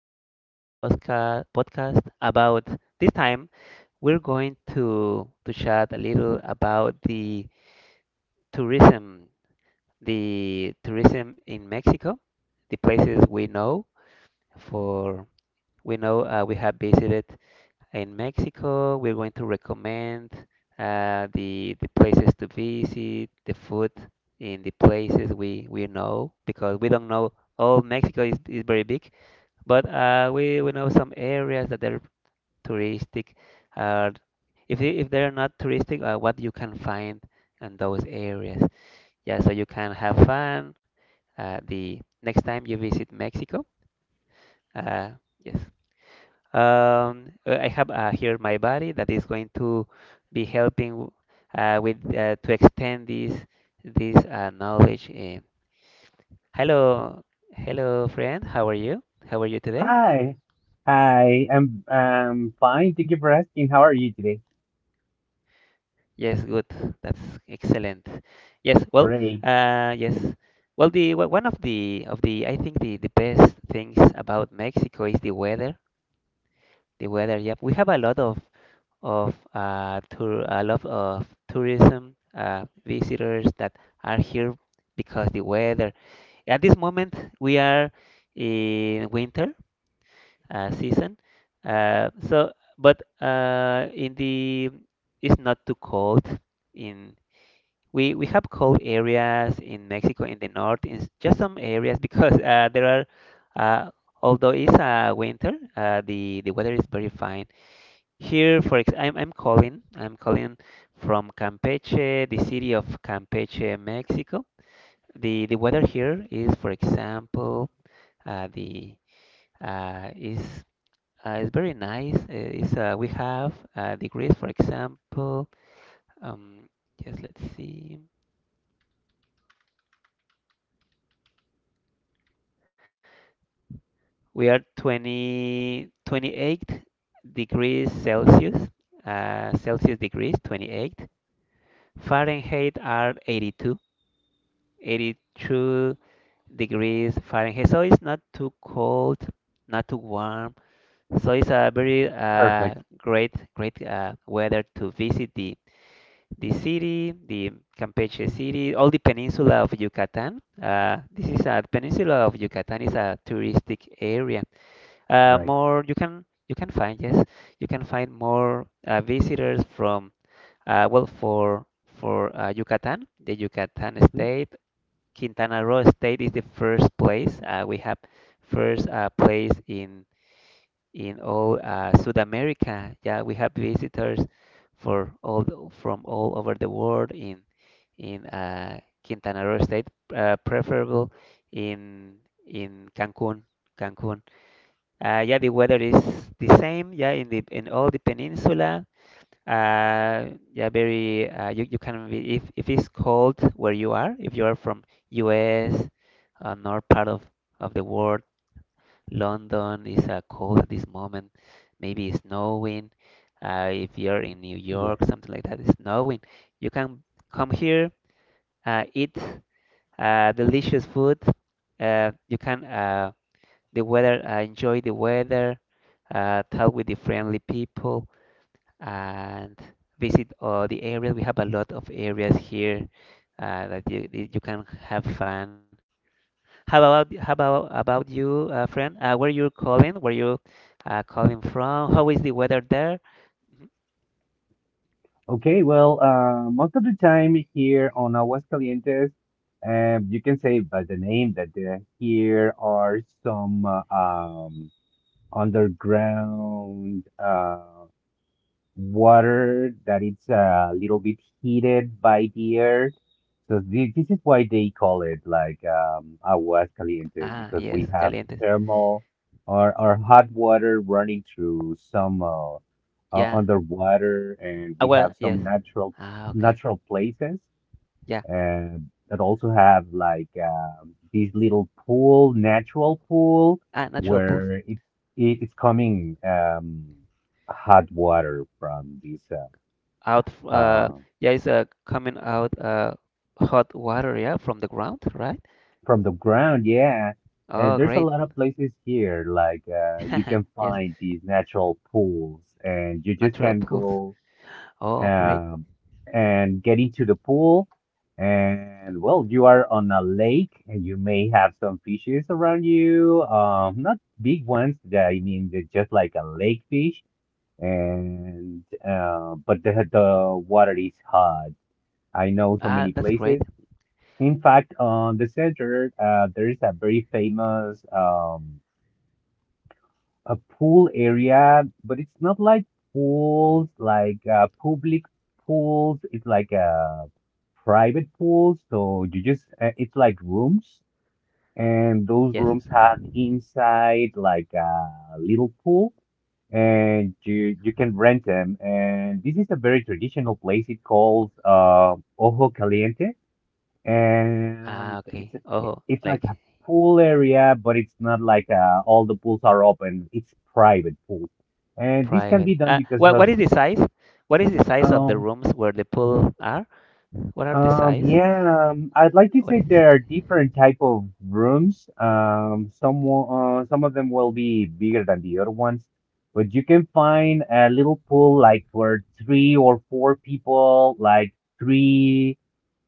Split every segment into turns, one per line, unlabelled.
our preferred podcast about this time we're going to chat a little about tourism, the tourism in Mexico, the places we know for we know we have visited in Mexico. We're going to recommend the places to visit, the food in the places we know because we don't know all Mexico is very big but we know some areas that are touristic. Uh, if they're not touristic, what you can find in those areas. Yeah, so you can have fun. The next time you visit Mexico, uh, yes. I have here my buddy that is going to be with to extend this knowledge. Eh. Hello, hello, friend. How are you? How are you today?
Hi, I am fine. Thank you for asking. How are you today?
Yes, good. That's excellent. Yes, well,
Great.
yes. Well, one of the I think the best things about Mexico is the weather. The weather, yep. We have a lot of tour a lot of tourism visitors that are here because the weather. At this moment, we are in winter season. So, but in the it's not too cold in we have cold areas in Mexico in the north in just some areas because there are, uh, although it's winter, the weather is very fine here, I'm calling from Campeche, the city of Campeche, Mexico. The weather here is for example the uh, is is very nice, is we have degrees for example, um, just let's see. We are 20, 28 degrees Celsius, Celsius degrees, 28. Fahrenheit are 82, 82 degrees Fahrenheit. So it's not too cold, not too warm. So it's a very
Perfect.
great weather to visit the city, the Campeche
Mhm.
city, all the peninsula of Yucatan. This is a peninsula of Yucatan, is a touristic area,
Right.
more you can find, yes, you can find more visitors from, well for Yucatan, the Yucatan
Mhm.
state. Quintana Roo state is the first place, we have first place in all South America, yeah, we have visitors from all over the world in in uh, Quintana Roo state, preferable in Cancun, Cancun yeah, the weather is the same. Yeah, in the in all the peninsula. Yeah, very. You can be if it's cold where you are. If you are from U.S., north part of the world, London is cold at this moment. Maybe it's snowing. If you're in New
Yeah.
York, something like that, it's snowing. You can come here, eat delicious food. You can, enjoy the weather, talk with the friendly people, and visit all the areas. We have a lot of areas here, that you can have fun. How about you, friend? Where you calling? Where you calling from? How is the weather there?
Okay. Well, most of the time here on Aguascalientes, you can say by the name that here are some underground. Water that it's a little bit heated by the earth. So this is why they call it like aguas calientes
Ah,
because we
yes,
have
calientes.
thermal, or hot water running through some
Yeah.
underwater, and
Ah,
we
well,
have
yes.
some natural
Ah, okay.
natural places
Yeah.
and that also have like this little pool, natural pool,
Ah, natural pools.
where it's coming hot water from this
Out. f-
uh,
Uh,
uh,
yeah, it's coming out, hot water, yeah, from the ground, right?
from the ground. Yeah, and
Oh,
there's a
great.
lot of places here, like you can
Yes,
find these natural pools, and you just
natural
can
pools.
go
Oh, great.
um, and get into the pool. And well, you are on a lake and you may have some fishes around you. Not big ones, I mean, they're just like a lake fish. And but the water is hot. I know so
Ah,
many
that's great.
places. In fact, on the center, there is a very famous a pool area, but it's not like pools, like public pools. It's like a private pool. So it's like rooms, and those
Yes.
rooms have inside like a little pool, and you can rent them. And this is a very traditional place. It calls Ojo Caliente,
Ah,
and
okay. Oh,
it's
like
like a pool area, but it's not like all the pools are open. It's private pools, and this can
private.
be done
Ah,
because
what
of
what is the size? What is the size of the
um
rooms where the pool are? What are the size?
yeah I'd like to
What
say
is the size?
there are different type of rooms. Some of them will be bigger than the other ones. But you can find a little pool like for three or four people, like three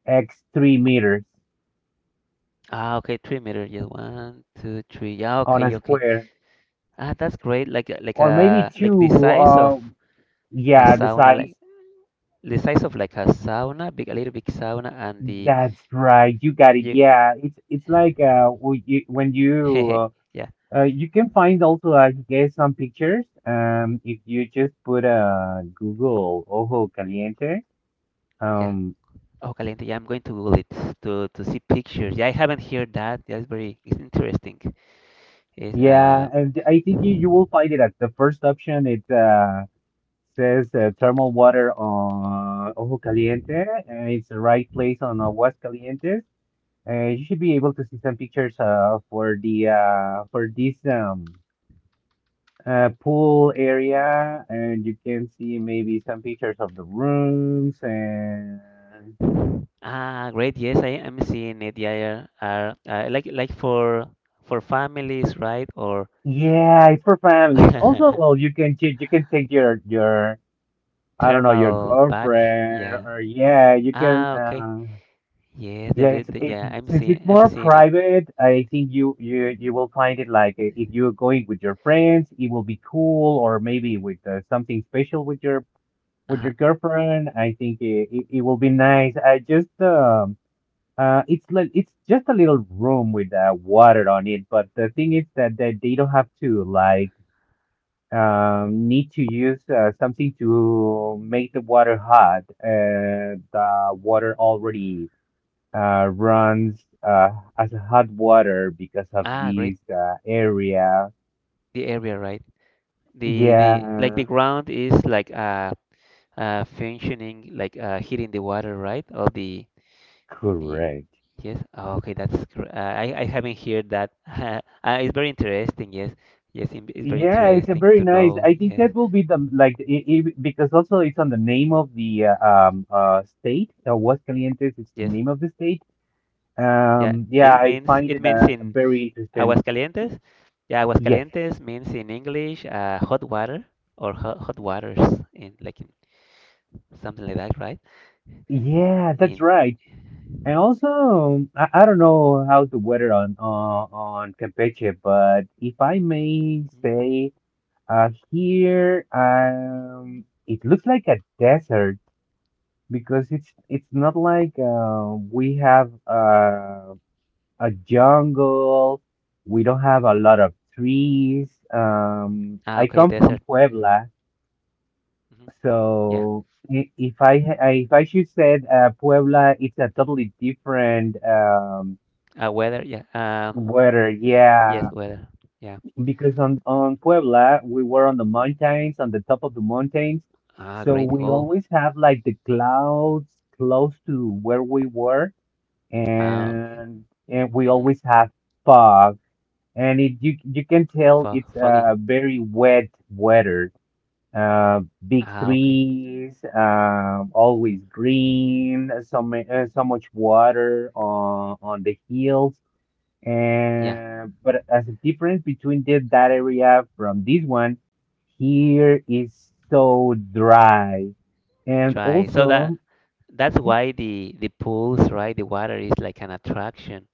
x three meters
Ah, okay, 3 meters. Yes, one, two, three. Yeah,
on a
okay, okay.
square.
Ah, that's great.
Or maybe
Like the
two.
size of a
Yeah, the
sauna,
size.
like the size of like a sauna, big a little big sauna, and the
That's right. You got it.
you.
Yeah, it's like w- you- when you
Yeah,
you can find also, I guess, some pictures. If you just put Google ojo caliente.
yeah.
Um,
Oh, Calendar, yeah, I'm going to Google it to see pictures. Yeah, I haven't heard that. That's very it's interesting. It's,
yeah, and I think you will find it at the first option. It says thermal water on ojo caliente. It's the right place on Aguascalientes. You should be able to see some pictures for the for this pool area, and you can see maybe some pictures of the rooms, and
ah, great. Yes, I am seeing it. Yeah, are, like, for families, right? Or
yeah, it's for families. Also, well, you can you can take your I don't know, your
thermal patch.
girlfriend,
Yeah.
or yeah, you can
Ah, okay. Yeah,
yeah. It's it,
yeah,
since it's
I'm
more
seeing it.
private, I think you will find it like if you're going with your friends, it will be cool, or maybe with something special with your with
Uh-huh.
your girlfriend. I think it will be nice. I just it's just a little room with water on it, but the thing is that, they don't have to, like, need to use something to make the water hot. The water already runs as hot water because of
Ah, great.
this area.
The area, right? The like the
Yeah,
ground is like functioning like heating the water, right? All the Ye-
correct.
Yes. Oh, okay, I haven't heard that. It's very interesting. Yes, yes, it's very
Yeah, it's a
interesting
very
to
nice.
know.
I think
Yes,
that will be the, like, I, because also it's on the name of the state. Aguascalientes is the
yes,
name of the state.
yeah.
Yeah,
It
I
means
find
it
it
means in
very interesting. Y-
Aguascalientes. Yeah,
Yes,
Aguascalientes means in English, hot water, or hot waters, in like in something like that, right?
yeah, that's
In
right. And also, I don't know how's the weather on Campeche, but if I may
Mm.
say, here, it looks like a desert, because it's not like we have a jungle. We don't have a lot of trees.
Ah,
I
okay,
come from
desert. hmm
Puebla,
hmm Yeah,
so if I should say Puebla, it's a totally different
weather. Yeah,
weather.
yes,
Yeah,
weather. Yeah.
because on Puebla we were on the mountains, on the top of the mountains,
Ah,
so
great.
we
Oh,
always have like the clouds close to where we were,
ah, okay.
and we always have fog, and it you can tell
Fog,
it's a
foggy.
very wet weather, uh big
Ah, okay.
trees, always green, so so much water on the hills.
Yeah,
And but as a difference between that area from this one, here is so dry. And
try. So that
also
that's
Mhm.
why the pools, right? The water is like an attraction.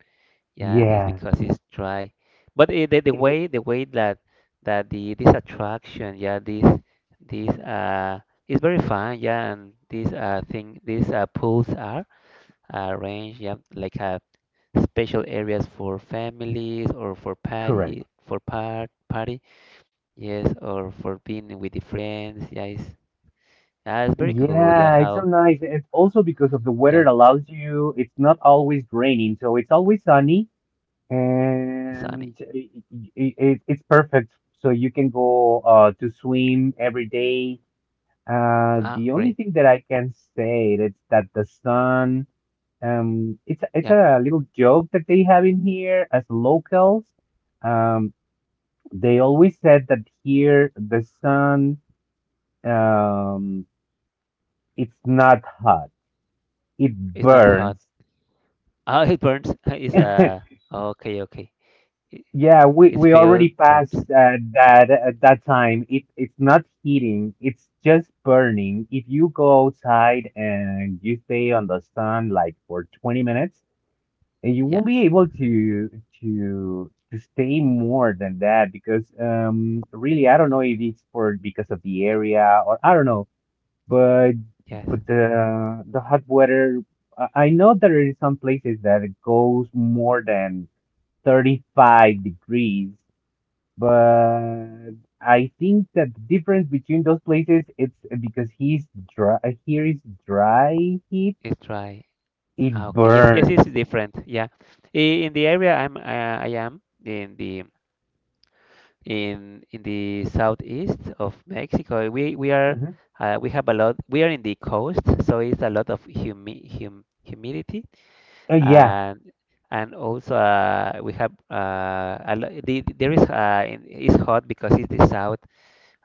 Yeah, it's
Yeah,
because it's dry. But it, the, the
i- i-
way the way that the this attraction, yeah, this, this uh is very fun. Yeah, and these thing, these pools are arranged, yeah, like special areas for families, or for
correct.
party for party. Yes, or for being with the friends. Yeah, it's yeah, it's very cool. Yeah,
Yeah, it's so
how?
nice. It's also because of the weather
Yeah,
allows you, it's not always raining, so it's always sunny,
it's sunny.
and it's perfect. So you can go to swim every day.
Ah,
The only
great.
thing that I can say is that the sun, it's
Yeah,
a little joke that they have in here as locals. Um, they always said that here the sun, um, it's not hot. It
it's not hot.
burns.
Ah, it burns. It's okay, okay. It,
Yeah, we we
feel
already
burns.
passed that at that time. It's not heating, it's just burning. If you go outside and you stay on the sun like for 20 minutes, and you
Yeah.
won't be able to stay more than that, because really I don't
hmm
know if it's for because of the area, or I don't know, but
Yes,
the hot weather, I know there is some places that it goes more than 35 degrees, but I think that the difference between those places it's because he's dry. Here is dry heat,
it's dry. Ah,
it
okay. Yes, yes, it's
burns.
different. Yeah, I- in the area I'm, I am in the southeast of Mexico. We are,
Mhm.
we have a lot. We are in the coast, so it's a lot of humidity,
Yeah,
and also, we have, a lo- the- there is, it's hot because it's the south,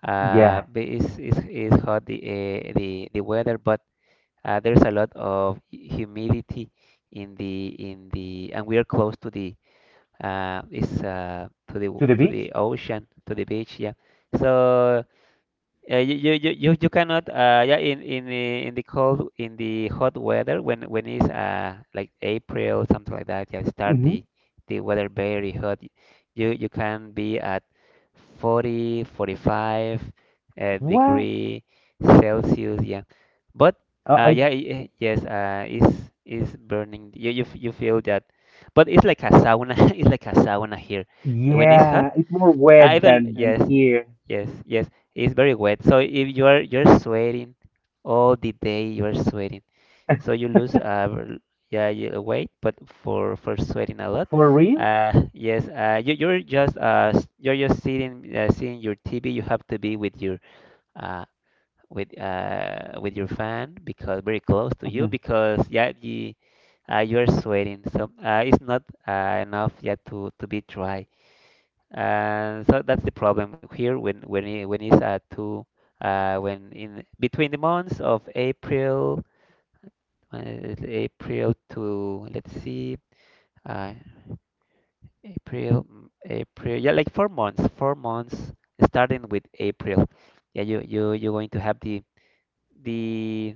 yeah.
but it's hot the, the weather, but there's a lot of humidity in the and we are close to the, is
To the
to the
beach?
ocean, to the beach, yeah, so, you cannot, yeah, in the, in the cold, in the hot weather, when it's like April, something like that, yeah, start
Hmm.
the weather very hot, you can be at forty forty five 45
What?
degree Celsius, yeah, but
I
yes, it's burning, you feel that, but it's like a sauna. It's like a sauna here when it's hot.
yeah, it's more
I
wet
even
than
Yes.
here.
Yes, yes, it's very wet. So if you're sweating all the day, you are sweating. So you lose, yeah, you, weight, but for sweating a lot,
For real?
yes, you're just, you're just sitting, seeing your TV. You have to be with your uh with your fan, because very close to you,
Hmm.
because yeah, you, you are sweating. So it's not enough yet to be dry. And so that's the problem here, when when it's at two, when, in between the months of April, uh, April to let's see, uh, April, mm, April, yeah, like 4 months starting with April. Yeah, you're going to have the, the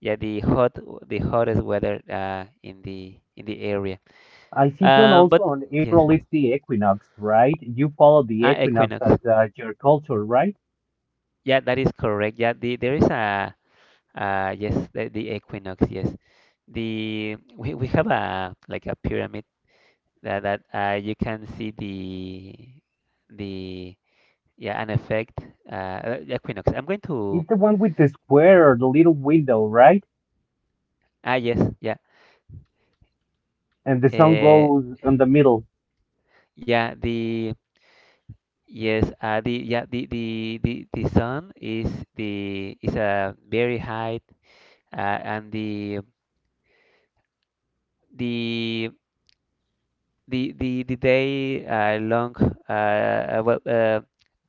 yeah, the hot, the hottest weather in the area.
I think on also
But
on
Yes.
April it's the equinox, right? You follow the equinox
Equinox,
as your culture, right?
yeah, that is correct, yeah, the, there is a, yes, the equinox, yes. The We have a like a pyramid, that, you can see the, the yeah, an effect, equinox. I'm going to,
It's the one with the square or the little window, right?
ah, yes, yeah,
And the sun
uh,
goes in the middle.
yeah, the, yes, the, yeah, the the sun is, the is a very high, and the the the day, long, uh, uh, well uh,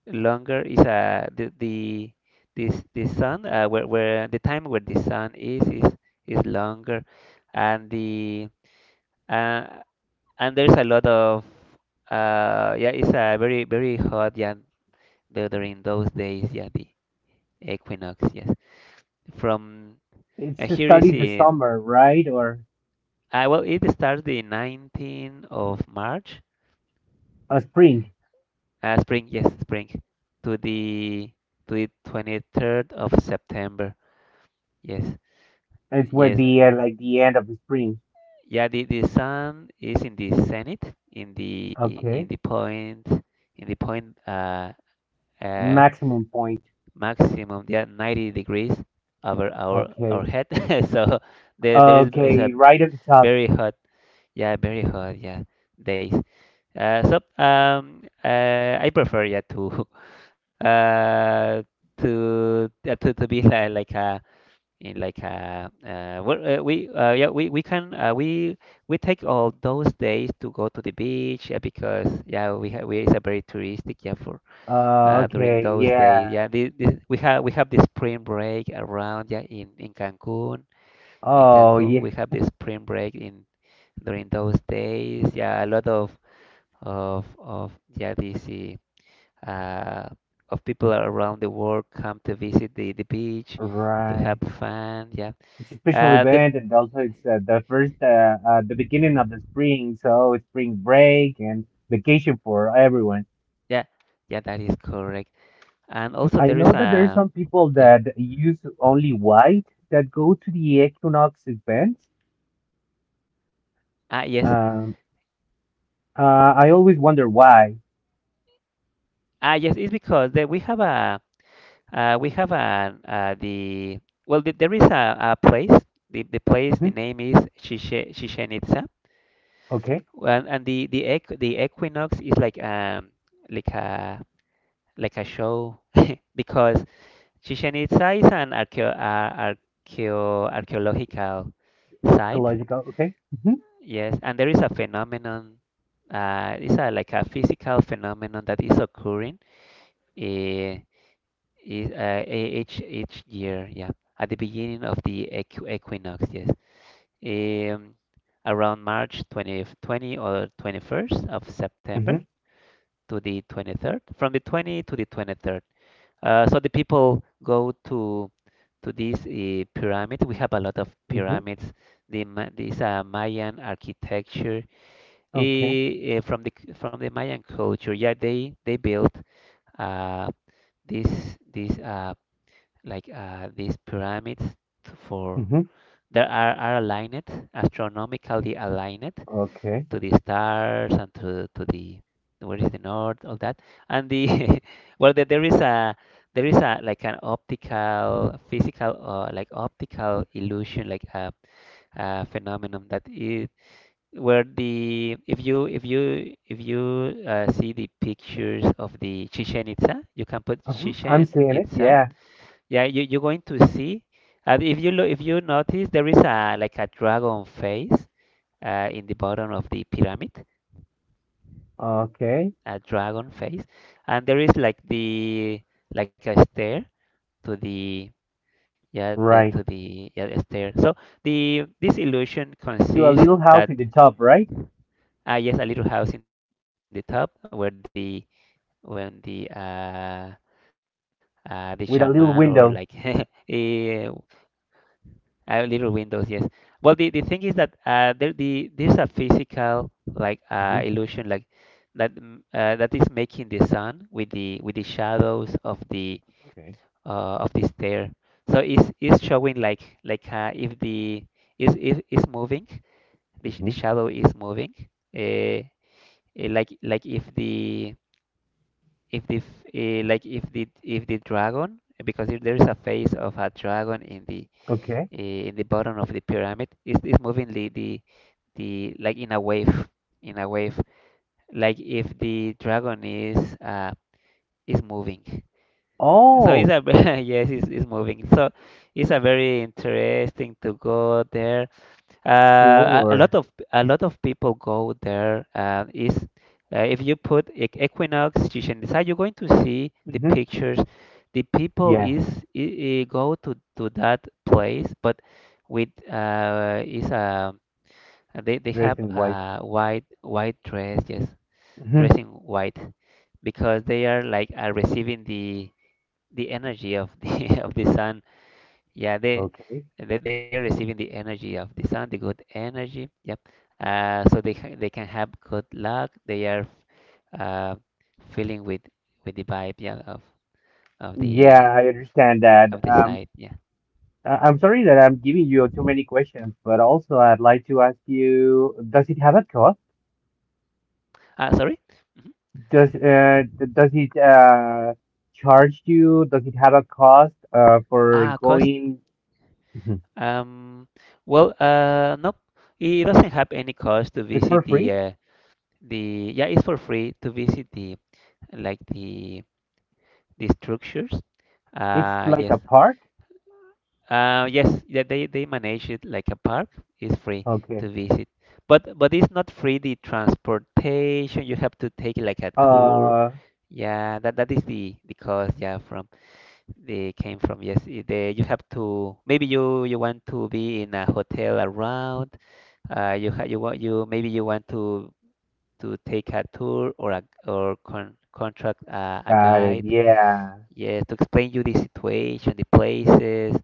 longer, is the, this the sun, where, the time where the sun is, is longer, and the, uh, and there's a lot of, yeah, it's very very hot, yeah, the, during those days, yeah, the equinox, yes, from,
It's
here is
starting the
in,
summer, right? Or
well, it starts the 19th of March.
a spring.
Spring, yes, spring. To the to the 23rd of September. Yes.
It's with
Yes.
the, like, the end of the spring.
Yeah, the sun is in the zenith, in the
Okay.
point, in the point uh, uh
Maximum point.
maximum, yeah, 90 degrees over
Okay.
our head. So there is
Okay,
a
right at the top.
very hot, yeah, very hot, yeah, days. So I prefer, yeah, to uh to be like a in like where, we yeah we can, we take all those days to go to the beach, yeah, because, yeah, we ha we it's a very touristic, yeah. for During
Okay,
those days,
yeah.
yeah, we have, we have the spring break around, yeah, in Cancun. In
Oh,
Cancun
yeah.
we have the spring break in during those days. Yeah, a lot of, yeah, this uh uh, of people around the world come to visit the beach to have
Right.
fun, yeah.
It's a special
uh, the,
event, and also it's the beginning of the spring, so it's spring break and vacation for everyone.
yeah, yeah, that is correct. And also
I
there is
know that there are
a,
some people
yeah,
that use only white that go to the equinox events.
ah, yes.
Um, uh, I always wonder why.
Yes, it's because that we have a, we have an, the, well, the, there is a place. The
Hmm.
the name is Chichen Itza.
Okay,
And, the equinox is like a, like a show. Because Chichen Itza is an archaeological site.
ecological. Okay. Hmm.
Yes, and there is a phenomenon. It's a like a physical phenomenon that is occurring, eh, each year, yeah, at the beginning of the equinox, yes. um, Around March 20, 20 or 21st of September,
Hmm.
to the 23rd, from the 20 to the 23rd. So the people go to these, pyramids. We have a lot of
Hmm.
pyramids. The Ma- this Mayan architecture,
Okay.
from the, from the Mayan culture. Yeah, they built, uh, these these uh, these pyramids for
Hmm.
that are aligned, astronomically aligned
Okay.
to the stars and to the, where is the north, all that. And the well, there is a, there is a like an optical, physical, like optical illusion, like a phenomenon, that it where the if you if you, see the pictures of the Chichen Itza, you can put
uh I'm
Chichen
seeing it.
Itza.
Yeah.
Yeah, you, you're going to see. If you look, if you notice, there is a like a dragon face, in the bottom of the pyramid,
Okay.
a dragon face. And there is like the, like a stair to the, yeah yeah to
Right.
the yeah a stair. So the this illusion
To a
consists,
little house
that,
in the top, right?
ah, yes, a little house in the top, where the, when the shaman, or like
With a little
eh,
window.
little windows, yes. Well, the thing is that, the there's a physical, like,
Hmm.
illusion, that is making the sun with the, with the shadows of the,
Okay.
of the stair. So it's showing like, if the is moving,
Hmm.
the shadow is moving. Uh, like if the, if the like if the, if the dragon, because if there is a face of a dragon in the,
Okay.
in the bottom of the pyramid, is moving the, like in a wave, in a wave, like if the dragon is, uh, is moving. So it's
Oh,
a yes, it's moving, so it's a very interesting to go there. Uh,
sure.
a lot of people go there. Is, if you put Equinox Chichen Itza, you're going to see the
Hmm.
pictures. The people
Yeah.
is go to that place, but with, is a, they have
Dressed in white.
a white white dress, yes,
Hmm.
dressing white, because they are like, receiving the energy of the of the sun. Yeah,
Okay.
they are receiving the energy of the sun, the good energy. Yep. So they can have good luck. They are, uh, feeling with the vibe, yeah, of
Yeah,
the,
I understand that.
of the site. Yeah.
I'm sorry that I'm giving you too many questions, but also I'd like to ask you, does it have a cost?
Ah, sorry. Mhm.
Does it charge you? Does it have a cost for
Ah, cost.
going? Mhm.
Um. Well, no, it doesn't have any cost to
It's for
visit the,
free?
the, yeah. It's for free to visit the, like the structures.
It's like
Yes.
a park?
Yes, yeah, they manage it like a park. It's free
Okay.
to visit, but it's not free the transportation. You have to take like a tour.
Uh,
Yeah, that that is the cost. Yeah, from, they came from, yes. They, you have to, maybe you you want to be in a hotel around. You want, you maybe you want to take a tour, or a, or contract, a
got it.
guide.
Yeah.
Yes, to explain you the situation, the places.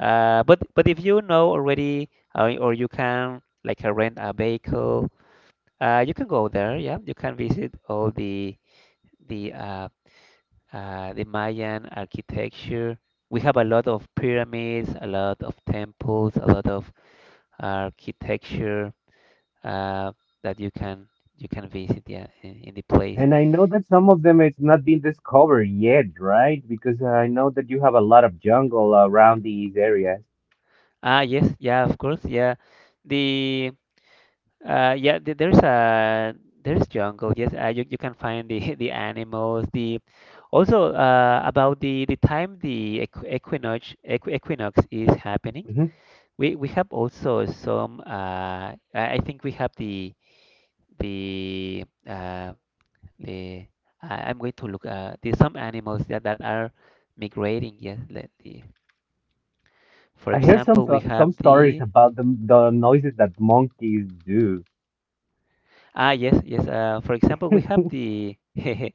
But if you know already, or you can like, rent a vehicle, you can go there. Yeah, you can visit all the, the Mayan architecture. We have a lot of pyramids, a lot of temples, a lot of architecture, uh, that you can, you can visit. Yeah, in the place.
And I know that some of them it's not been discovered yet, right? Because I know that you have a lot of jungle around these areas.
Ah, yes, yeah, of course, yeah. The, uh, yeah, there's a, there's jungle. Yes, you you can find the the animals. The, also, about the time, the equinox, equinox is happening. We have also some. I think we have the, the. I'm going to look. There's some animals that that are migrating. Yes, let the. For
I hear some
example, we have
stories
the.
about the noises that monkeys do.
Ah, yes, yes. For example, we have the.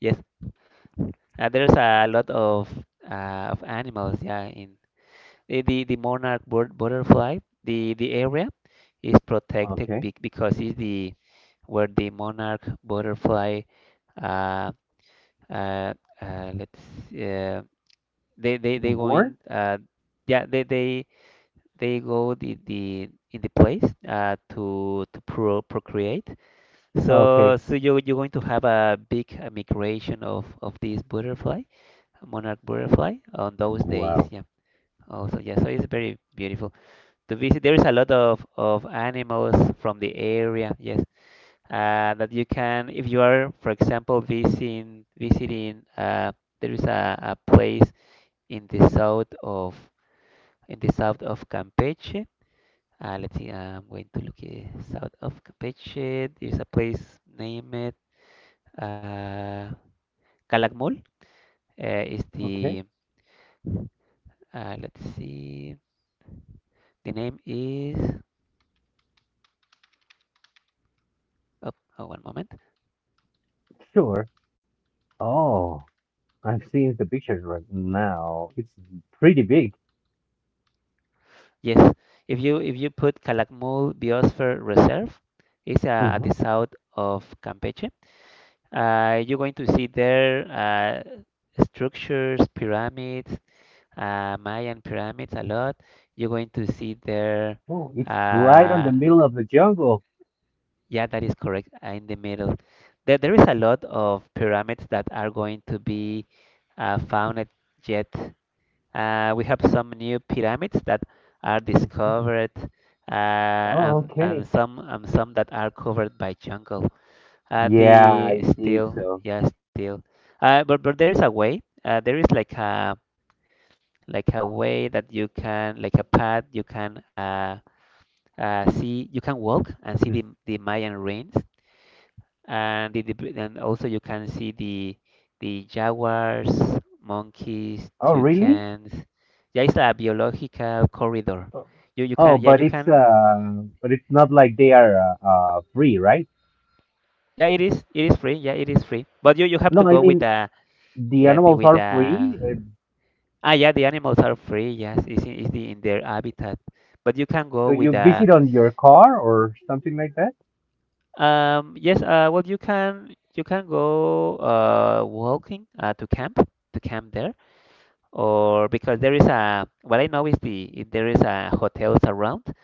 Yes. There's a lot of, of animals, yeah. In the monarch bird, butterfly, the area is protected,
Okay.
be because it's the, where the monarch butterfly, uh uh, let's they
Born?
going yeah they go the in the place, uh, to procreate. So
Okay.
so you you're going to have a big, migration of these butterflies, monarch butterfly, on those days.
Wow.
Yeah, also, yeah. So it's very beautiful to visit. There is a lot of animals from the area. Yes, that you can, if you are, for example, visiting. There is a place in the south of, in the south of Campeche. Let's see. I'm going to look at south of Campeche. There's a place named, uh, Calakmul. Is
Okay.
the, let's see. The name is, oh, oh, one moment.
Sure. Oh, I've seen the pictures right now. It's pretty big.
Yes, if you put Calakmul Biosphere Reserve, it's, at
Mm-hmm.
the south of Campeche. You're going to see there, structures, pyramids, Mayan pyramids, a lot. You're going to see there.
Oh, it's right on the
Uh,
middle of the jungle.
yeah, that is correct. Uh, in the middle, there is a lot of pyramids that are going to be, found yet. We have some new pyramids that are
Mm-hmm.
discovered,
Oh, okay.
and some, and some that are covered by jungle.
Yeah,
The
I think
still,
so.
yeah, still. But there is a way. There is like a, like a way that you can, like a path you can, see, you can walk and see
Mm-hmm.
the Mayan ruins, and the, and also you can see the jaguars, monkeys,
Oh, really?
toucans. Yeah, it's a biological corridor.
Oh,
You
oh,
can, yeah
but
you
it's
can,
uh, but it's not like they are free, right?
yeah it is, it is free, yeah it is free. But you have to
No, I
go with
mean
the,
the
yeah the,
animals
with
are
the,
free.
ah yeah the animals are free, yes it's in, it's the, in their habitat. But you can
So
go with
you
the,
visit on your car or something like that?
um, yes, uh, well you can, you can go, uh, walking, uh, to camp, to camp there. Or because there is a, what I know is the, if there is a hotels around,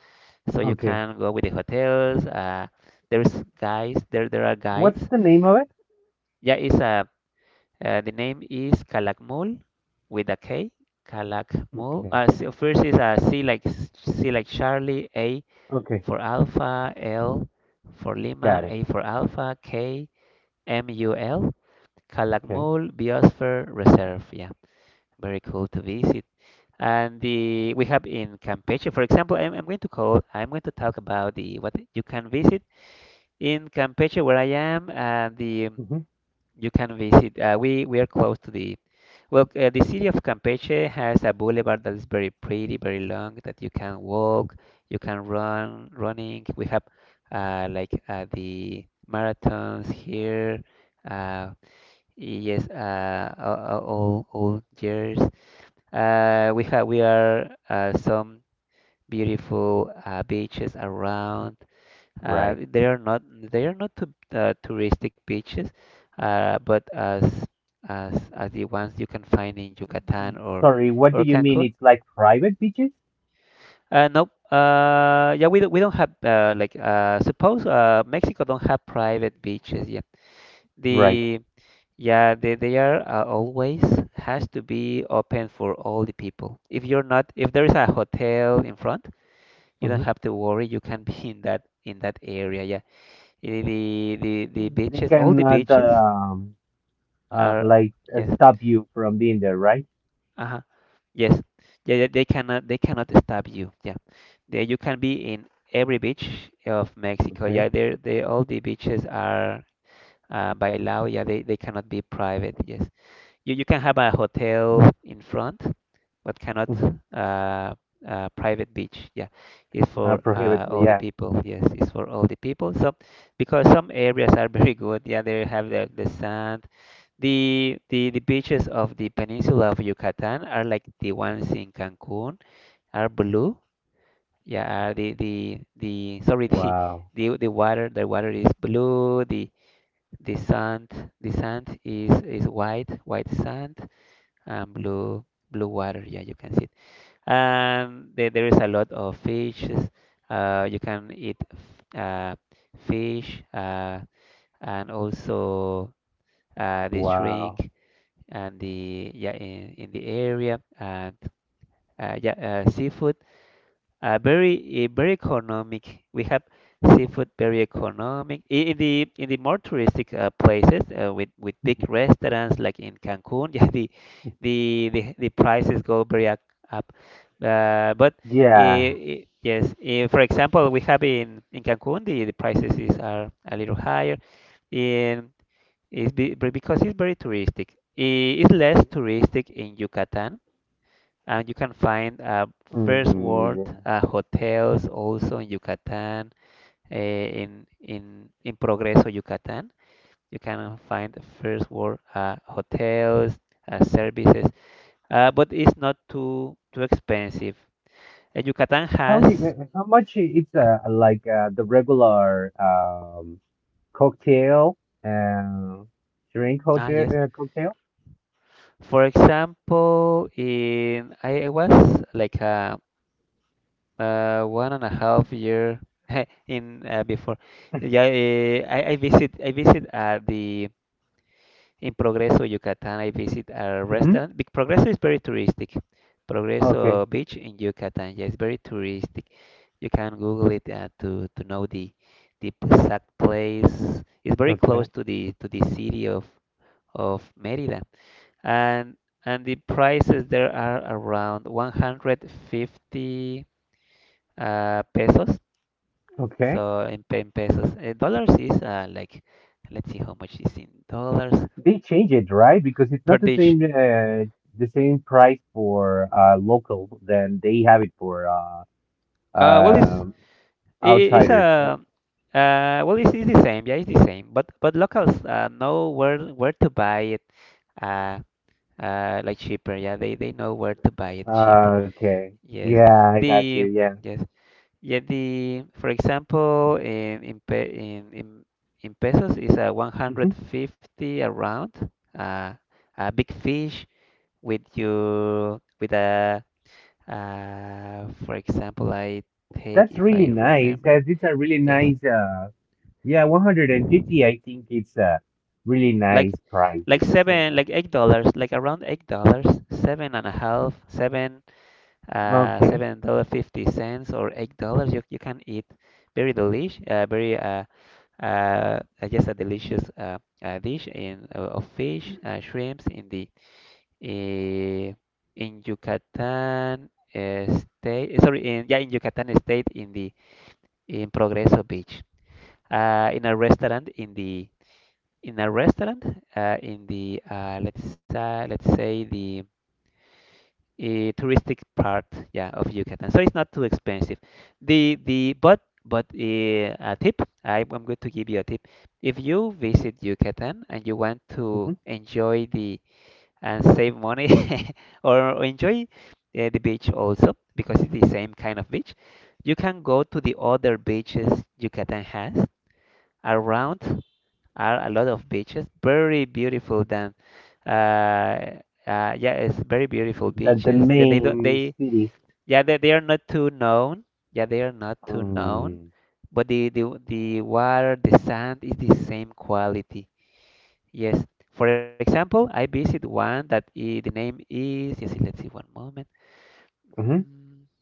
so you
Okay.
can go with the hotels. There's guys, there are
What's
guides.
the name of it?
Yeah, it's a, the name is Calakmul with a K. Calakmul.
Okay.
So first is a C, like C like Charlie, A
Okay.
for Alpha, L for
Got
Lima,
it.
A for Alpha, KMUL.
Okay.
Calakmul Biosphere Reserve. Yeah, very cool to visit. And the, we have in Campeche, for example, I'm going to call, I'm going to talk about the what you can visit in Campeche where I am. The
Hmm.
you can visit. We are close to the, well, the city of Campeche has a boulevard that is very pretty, very long, that you can walk, you can run, running. We have, like, the marathons here. Uh, yes, all years. We have, we are, some beautiful, beaches around.
Right.
They are not, they are not too, touristic beaches, but as the ones you can find in Yucatan
Sorry, what do
or
you mean?
Cancun.
It's like private beaches?
Nope. Yeah, we don't have, like, suppose, Mexico don't have private beaches yet.
Right.
The, yeah, they are, always has to be open for all the people. If you're not, if there is a hotel in front, you don't
Hmm.
have to worry. You can be in that area. Yeah, the
They
beaches, all the
cannot
beaches are,
like,
yes,
stop you from being there, right?
uh huh, yes, yeah, yeah. They cannot, they cannot stop you. Yeah, there you can be in every beach of Mexico.
Okay.
Yeah, there they, all the beaches are. By law, yeah, they cannot be private. Yes, you can have a hotel in front, but cannot
Hmm.
uh, private beach. Yeah, it's for
Prohibit.
all the
Yeah.
people. Yes, it's for all the people. So because some areas are very good. Yeah, they have the sand. The beaches of the peninsula of Yucatan are like the ones in Cancun are blue. Yeah, are the sorry the
Wow.
the the water the water is blue. The sand the sand is white white sand and blue water. Yeah, you can see and there is a lot of fishes. You can eat f- uh, fish and also the
Wow.
shrink and the yeah in the area and yeah seafood. Very very economic. We have seafood very economic. In the more touristic places with big restaurants like in Cancun, yeah, the prices go up. Uh, but uh,
Yeah.
uh, yes, for example, we have in Cancun the prices is are a little higher. In but because it's very touristic. It's less touristic in Yucatan and you can find first
Mm,
world
yeah.
hotels also in Yucatan, in Progreso, Yucatan. You can find first world hotels, services, but it's not too too expensive. Yucatan
How you?
has,
How much it's
yep,
like, the regular, cocktail, and drink
ah
cocktail,
yes.
cocktail.
For example, in I was like one and a half year in before. Yeah, I visit the In Progreso, Yucatan, I visit a
Mm-hmm.
restaurant. Big Progreso is very touristic.
Okay,
Progreso Beach in Yucatan, yeah, it's very touristic. You can Google it to know the exact place. It's very close
okay,
to the city of Mérida, and and the prices there are around 150 pesos.
okay.
So in pesos, dollars is like let's see how much is in dollars
They change it, right? Because it's
per
not the
dish.
same, price for local than they have it for
Well, it's
um
I- It's
outsiders,
a well, it's the same, yeah, it's the same. But locals know where to buy it, uh, like cheaper. Yeah, they know where to buy it cheaper.
right? Okay,
Yes,
yeah, I got
the
you. Yeah.
yes, yeah, the for example in pe in pesos is a
Mhm.
150 around. Uh, a big fish with a, for example, I take
That's
if
really
I
nice.
remember.
These are really
Yes.
nice. Yeah, 150. I think it's a really
Like
nice price,
like
because.
seven, like $8, like around $8, seven and a half, seven,
Okay.
$7 50 cents or $8. You can eat very I guess a delicious dish in of fish, shrimps uh, in Yucatan state. Sorry, in yeah, in Yucatan state in the in Progreso Beach, in a restaurant in a restaurant in the let's say the touristic part yeah of Yucatan. So it's not too expensive. The but A tip, I'm going to give you a tip. If you visit Yucatan and you want
Mm-hmm.
to enjoy the and save money or enjoy the beach also because it's the same kind of beach, you can go to the other beaches Yucatan has around are a lot of beaches, very beautiful them. Uh, yeah, it's very beautiful
The
beaches. They don't
main
they
cities.
yeah they are not too known. Yeah, they are not too known,
Mm.
but the water, the sand is the same quality. Yes. For example, I visit one that I the name is yes. Let's see one moment.
Hmm.
Mm,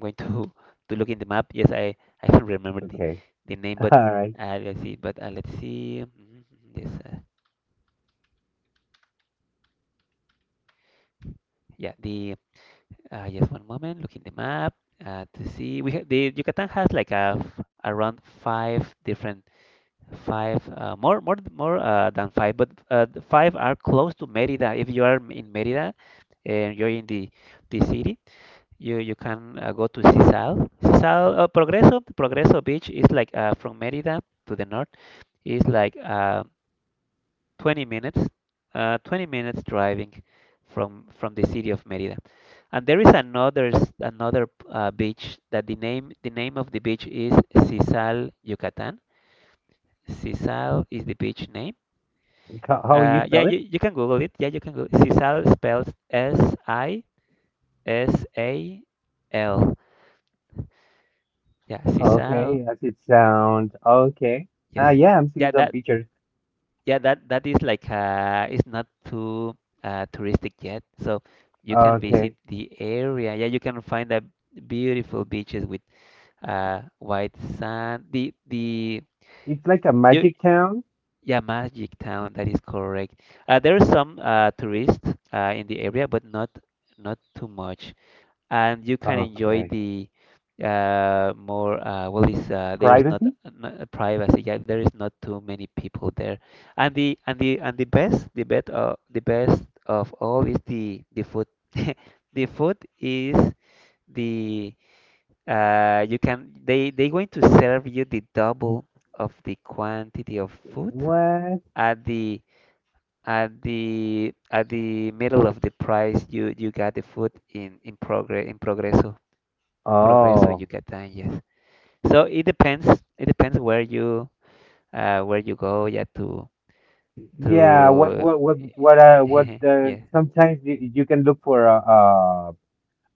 I'm going to to look in the map. Yes, I don't remember
Okay.
the name,
All
but
right.
let's see. Yes. Yeah, the Just one moment. Look in the map to see. We ha the Yucatan has like around five different five more more th- more than five, but the five are close to Merida. If you are in Merida and you're in the city, you can go to Sisal. Progreso Beach is like from Merida to the north is like 20 minutes, 20 minutes driving from the city of Merida. And there is another beach that the name of the beach is Sisal, Yucatan. Sisal is the beach name.
How you
Yeah,
spell it?
you can Google it. Yeah, you can Google. Sisal spells Sisal. Yeah, Sisal.
Okay, as it sounds. Okay. Ah,
Yes.
yeah, I'm
Yeah,
seeing some
that
pictures.
Yeah, that that is like it's not too touristic yet, so you can visit
Okay.
the area. Yeah, you can find the beautiful beaches with white sand. The
It's like a
you
magic town.
yeah, Magic Town, that is correct. There are some tourists in the area, but not not too much and you can enjoy
Okay.
the more well is there is not,
Privacy?
not privacy yeah there is not too many people there and the best the best of all is the food the food is the you can they going to serve you the double of the quantity of food
What?
at the at the at the middle of the price you you got the food in progress progreso you
Oh.
get done yes so it depends where you go yeah
Yeah, what
to
what what what uh what uh,
yeah
sometimes you can look for a,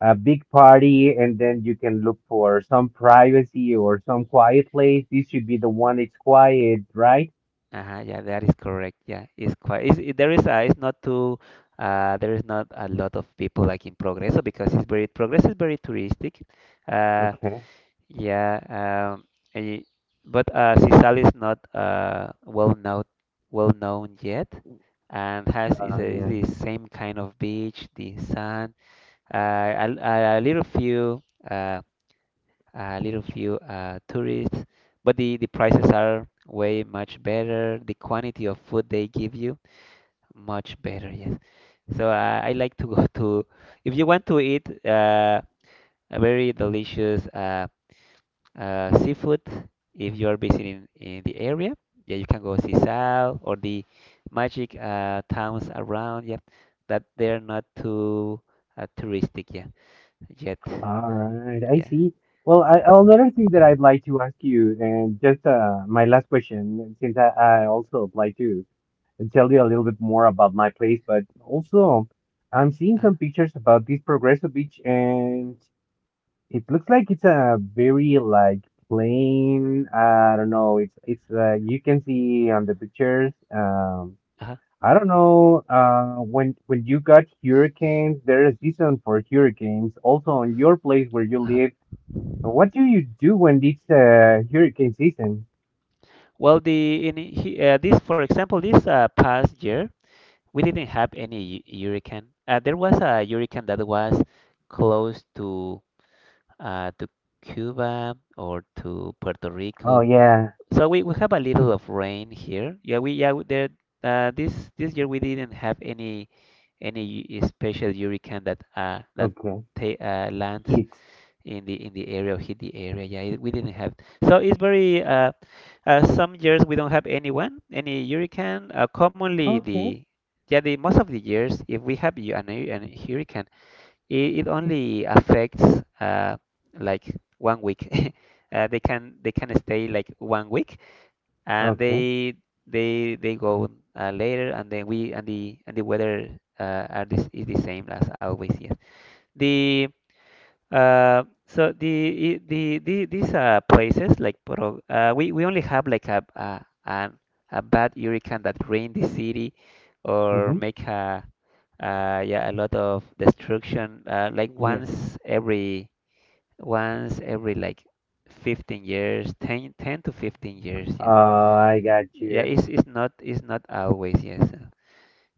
a big party, and then you can look for some privacy or some quiet place. This should be the one that's quiet, right?
uh-huh, yeah that is correct yeah it's quite it's, it, there is a, it's not too there is not a lot of people like in Progreso because it's very Progreso is very touristic uh,
Okay.
yeah um, eh, but Sisal is not well known yet and has is, a, is
Yeah.
the same kind of beach the sand uh, a, a little few uh, a little few tourists, but the prices are way much better. The quantity of food they give you much better. Yes. So I like to go to if you want to eat a very delicious seafood. If you are visiting in the area, yeah, you can go see Sal or the magic towns around. Yeah, that they're not too touristic. Yeah, yet.
All right. I
Yeah.
see. Well, I, another thing that I'd like to ask you, and just my last question, since I also apply to tell you a little bit more about my place, but also I'm seeing
Uh,
some pictures about this Progreso Beach, and it looks like it's a very like plain. I don't know. It's you can see on the pictures.
uh-huh,
I don't know. When you got hurricanes, there is season for hurricanes. Also, on your place where you
uh-huh.
live, what do you do when it's hurricane season?
Well, the in he, this, for example, this past year, we didn't have any hurricane. There was a hurricane that was close to Cuba or to Puerto
Oh,
Rico.
yeah.
So we have a little of rain here. Yeah we- there this this year we didn't have any special hurricane that
Okay.
ta lands
Heat.
in the area or hit the area. Yeah, it, we didn't have. So it's very some years we don't have anyone, any hurricane. Commonly
Okay.
the most of the years if we have an hurricane, it only affects uh, like 1 week. They can stay like 1 week and
Okay.
they they go later and then we and the weather are this is the same as always. Yes. The So these places like Poro, we only have like a bad hurricane that rain the city or
Mm-hmm.
make a yeah a lot of destruction like
Yeah.
once every like 15 years 10 10 to 15 years yeah
Oh, I got
yeah
you.
it's not always yes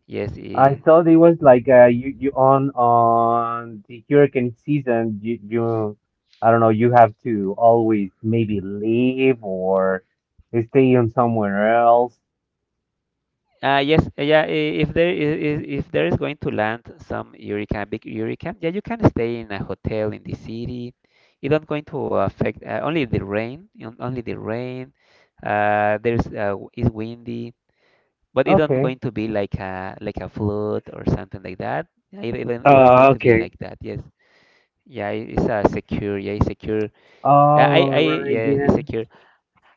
yes
I
in
thought it was like you on the hurricane season. You I don't know. You have to always maybe leave or stay on somewhere else.
Yes, yeah. If there is going to land some hurricane, big hurricane, yeah, you can stay in a hotel in the city. It do not going to affect only the rain, only the rain. There's it's windy, but it do not
Okay.
going to be like a flood or something like that. Yeah, it not going to be
Okay.
like that. Yes. Yeah, it's secure. Yeah, it's secure. Uh, I,
All
I,
right.
yeah, it's
Yeah.
secure.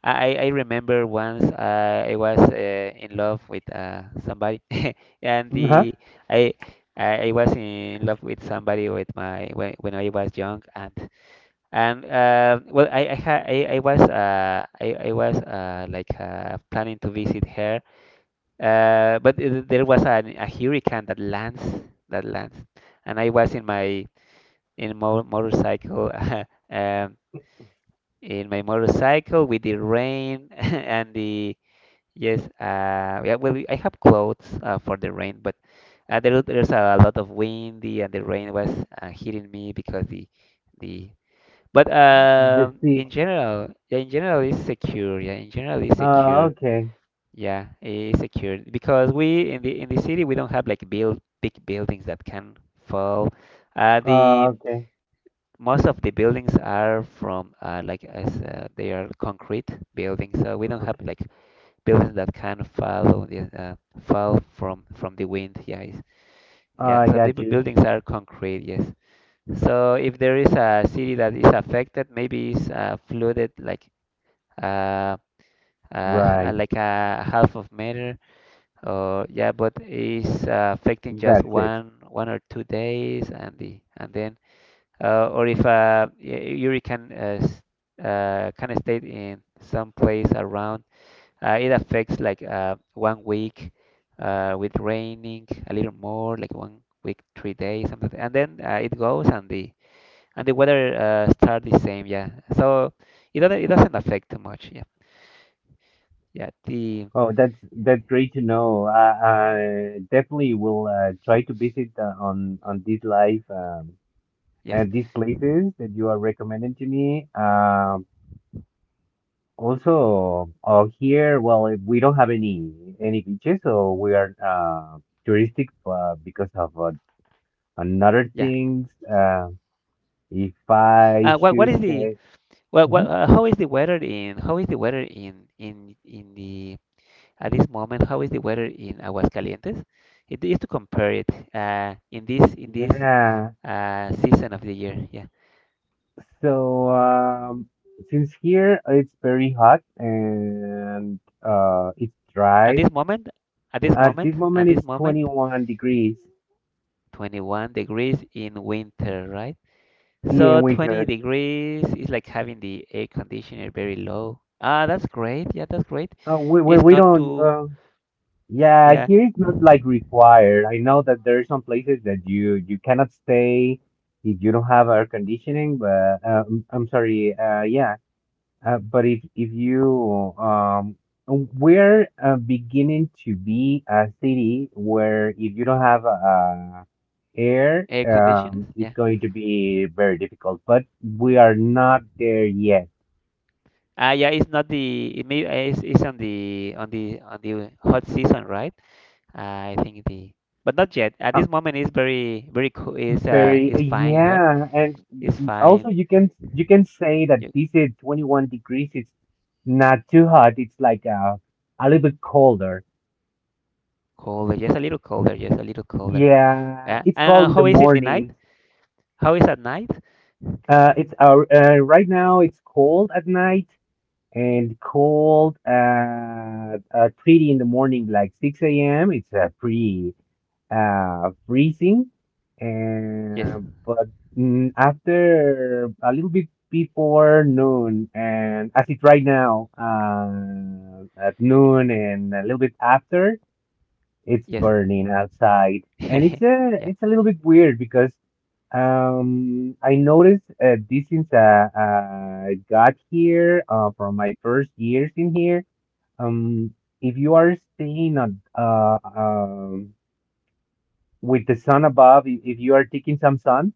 I remember once I was in love with somebody and
Uh-huh.
the I I was in love with somebody with my when I was young and well I was I was planning to visit her but there was a hurricane that lands and I was in my in mo motorcycle um in my motorcycle with the rain and the Yes, yeah, well, I have clothes for the rain, but there's a lot of windy and the rain was hitting me because the but
The seat.
in general, yeah, in general it's secure. Yeah, in general it's secure.
Okay.
Yeah, it's secure because we in the city we don't have like build big buildings that can fall. The
Okay.
most of the buildings are from like as they are concrete buildings, so we don't have
Okay.
like buildings that can fall on the fall from the wind. Yeah.
I
So the
got you.
buildings are concrete. Yes. So if there is a city that is affected, maybe it's flooded uh, uh,
Right.
like a half of meter or yeah, but it's affecting just
That's it.
1 or 2 days and then or if Yuri can kind of stayed in some place around it affects like 1 week with raining a little more, like 1 week, 3 days, something. And then it goes, and the weather start the same. Yeah. So it doesn't affect too much. Yeah. Yeah. The
Oh, that's great to know. I definitely will try to visit on this live
yes.
and these places that you are recommending to me. Also, oh here, well, we don't have any beaches, so we are touristic because of another
Yeah.
things. If I
What
should
is the
say,
well, what,
mhm,
how is the weather in How is the weather in in the at this moment, how is the weather in Aguascalientes? It is to compare it in this
yeah.
season of the year. Yeah.
So, since here it's very hot and it's
At
dry,
this moment,
at this
at
moment
this
it's
moment,
21 degrees.
21 degrees in winter, right?
Yeah, in
So 20
winter.
degrees is like having the air conditioner very low. Ah, that's great. Yeah, that's great.
Uh, we, we,
It's
we
not
don't,
too,
yeah,
yeah,
here it's not like required. I know that there are some places that you cannot stay if you don't have air conditioning, but I'm sorry, yeah. But if you we're beginning to be a city where if you don't have air,
air conditioners.
it's
Yeah.
going to be very difficult. But we are not there yet.
Ah, yeah, it's not the it may eh, it's on the hot season, right? I think the but not yet. At
Uh,
this moment, it's very cool.
very
It's fine, right?
yeah, and
It's
also
fine.
you can say that
You,
this is 21 degrees. It's not too hot. It's like a little bit colder.
colder, just a little colder, just a little colder.
Yeah,
Yeah.
it's
And,
cold
and
in the
how is in the night?
mornings.
How is at night?
It's right now it's cold at night and cold at pretty in the morning, like 6 a.m. It's pretty freezing,
Yes.
and after a little bit before noon, and as it's right now at noon and a little bit after, it's
Yes.
burning outside, and it's a
yeah.
it's a little bit weird because I noticed this since I got here from my first years in here. Um, if you are staying on with the sun above, if you are taking some sun,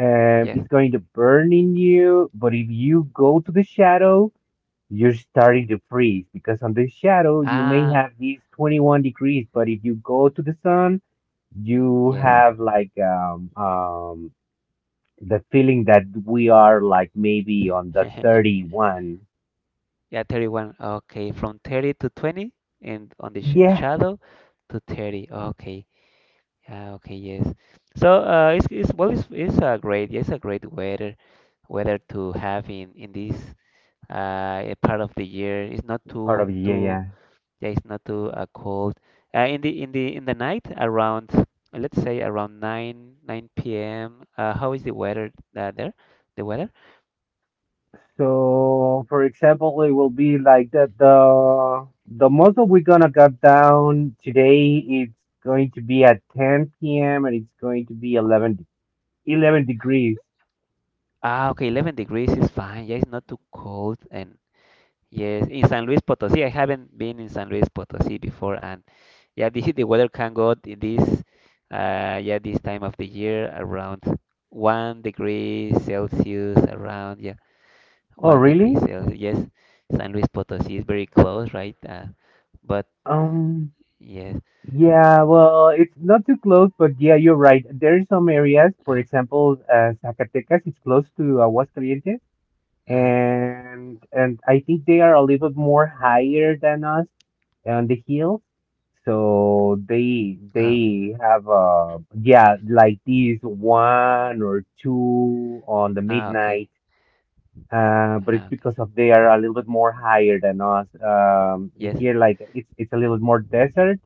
it's
Yes.
going to burn in you. But if you go to the shadow, you're starting to freeze because on the shadow you may
Ah.
have these 21 degrees, but if you go to the sun you
Yes.
have like the feeling that we are like maybe on the 31.
yeah. 31. Okay. From 30 to 20, and on the sh
Yeah.
shadow to 30. Okay. Yeah. Okay. Yes. So it's a great weather to have in this part of the year. It's not
part of yeah,
too,
yeah,
yeah, it's not too cold. In the night around let's say around 9 p.m. How is the weather there? The weather?
so for example it will be like that the most that we're gonna cut down today, it's going to be at 10 p.m., and it's going to be eleven degrees.
Ah, okay, 11 degrees is fine. Yeah, it's not too cold. And yes, in San Luis Potosí, I haven't been in San Luis Potosí before, and yeah, the the weather can go in this yeah, this time of the year around 1 degree Celsius around, yeah,
Oh
one degree
really?
Celsius. Yes, San Luis Potosí is very close, right? But yes,
Yeah, well, it's not too close, but yeah, you're right. There are some areas, for
uh-huh,
example, Zacatecas is close to Aguascalientes,
uh-huh.
and I think they are a little bit more higher than us on the hills, so they
Ah, okay,
they have yeah like these one or two on the
ah, okay,
midnight. But it's
ah, okay.
because of they are a little bit more higher than us.
Yes,
Here like it's a little more desert.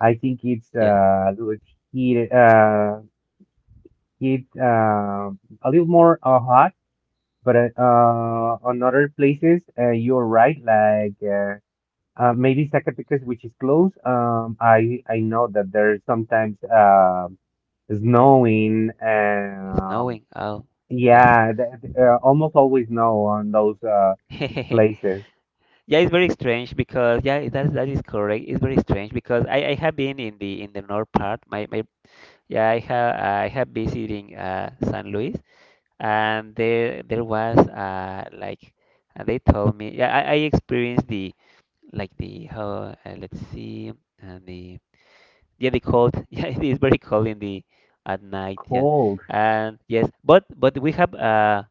I think it's
yeah,
a little heat heat a little more hot, but on other places, you're right. Like maybe Zacatecas, which is close. I know that there's sometimes snowing.
it's snowing. Oh, yeah.
Yeah, almost always snow on those places.
Yeah, it's very strange because yeah, that that is correct. It's very strange because I have been in the north part. My yeah, I have visiting San Luis, and there was like they told me, yeah, I experienced the like the how let's see and the yeah the cold yeah, it is very cold in the at night, yeah,
Cold.
and yes, but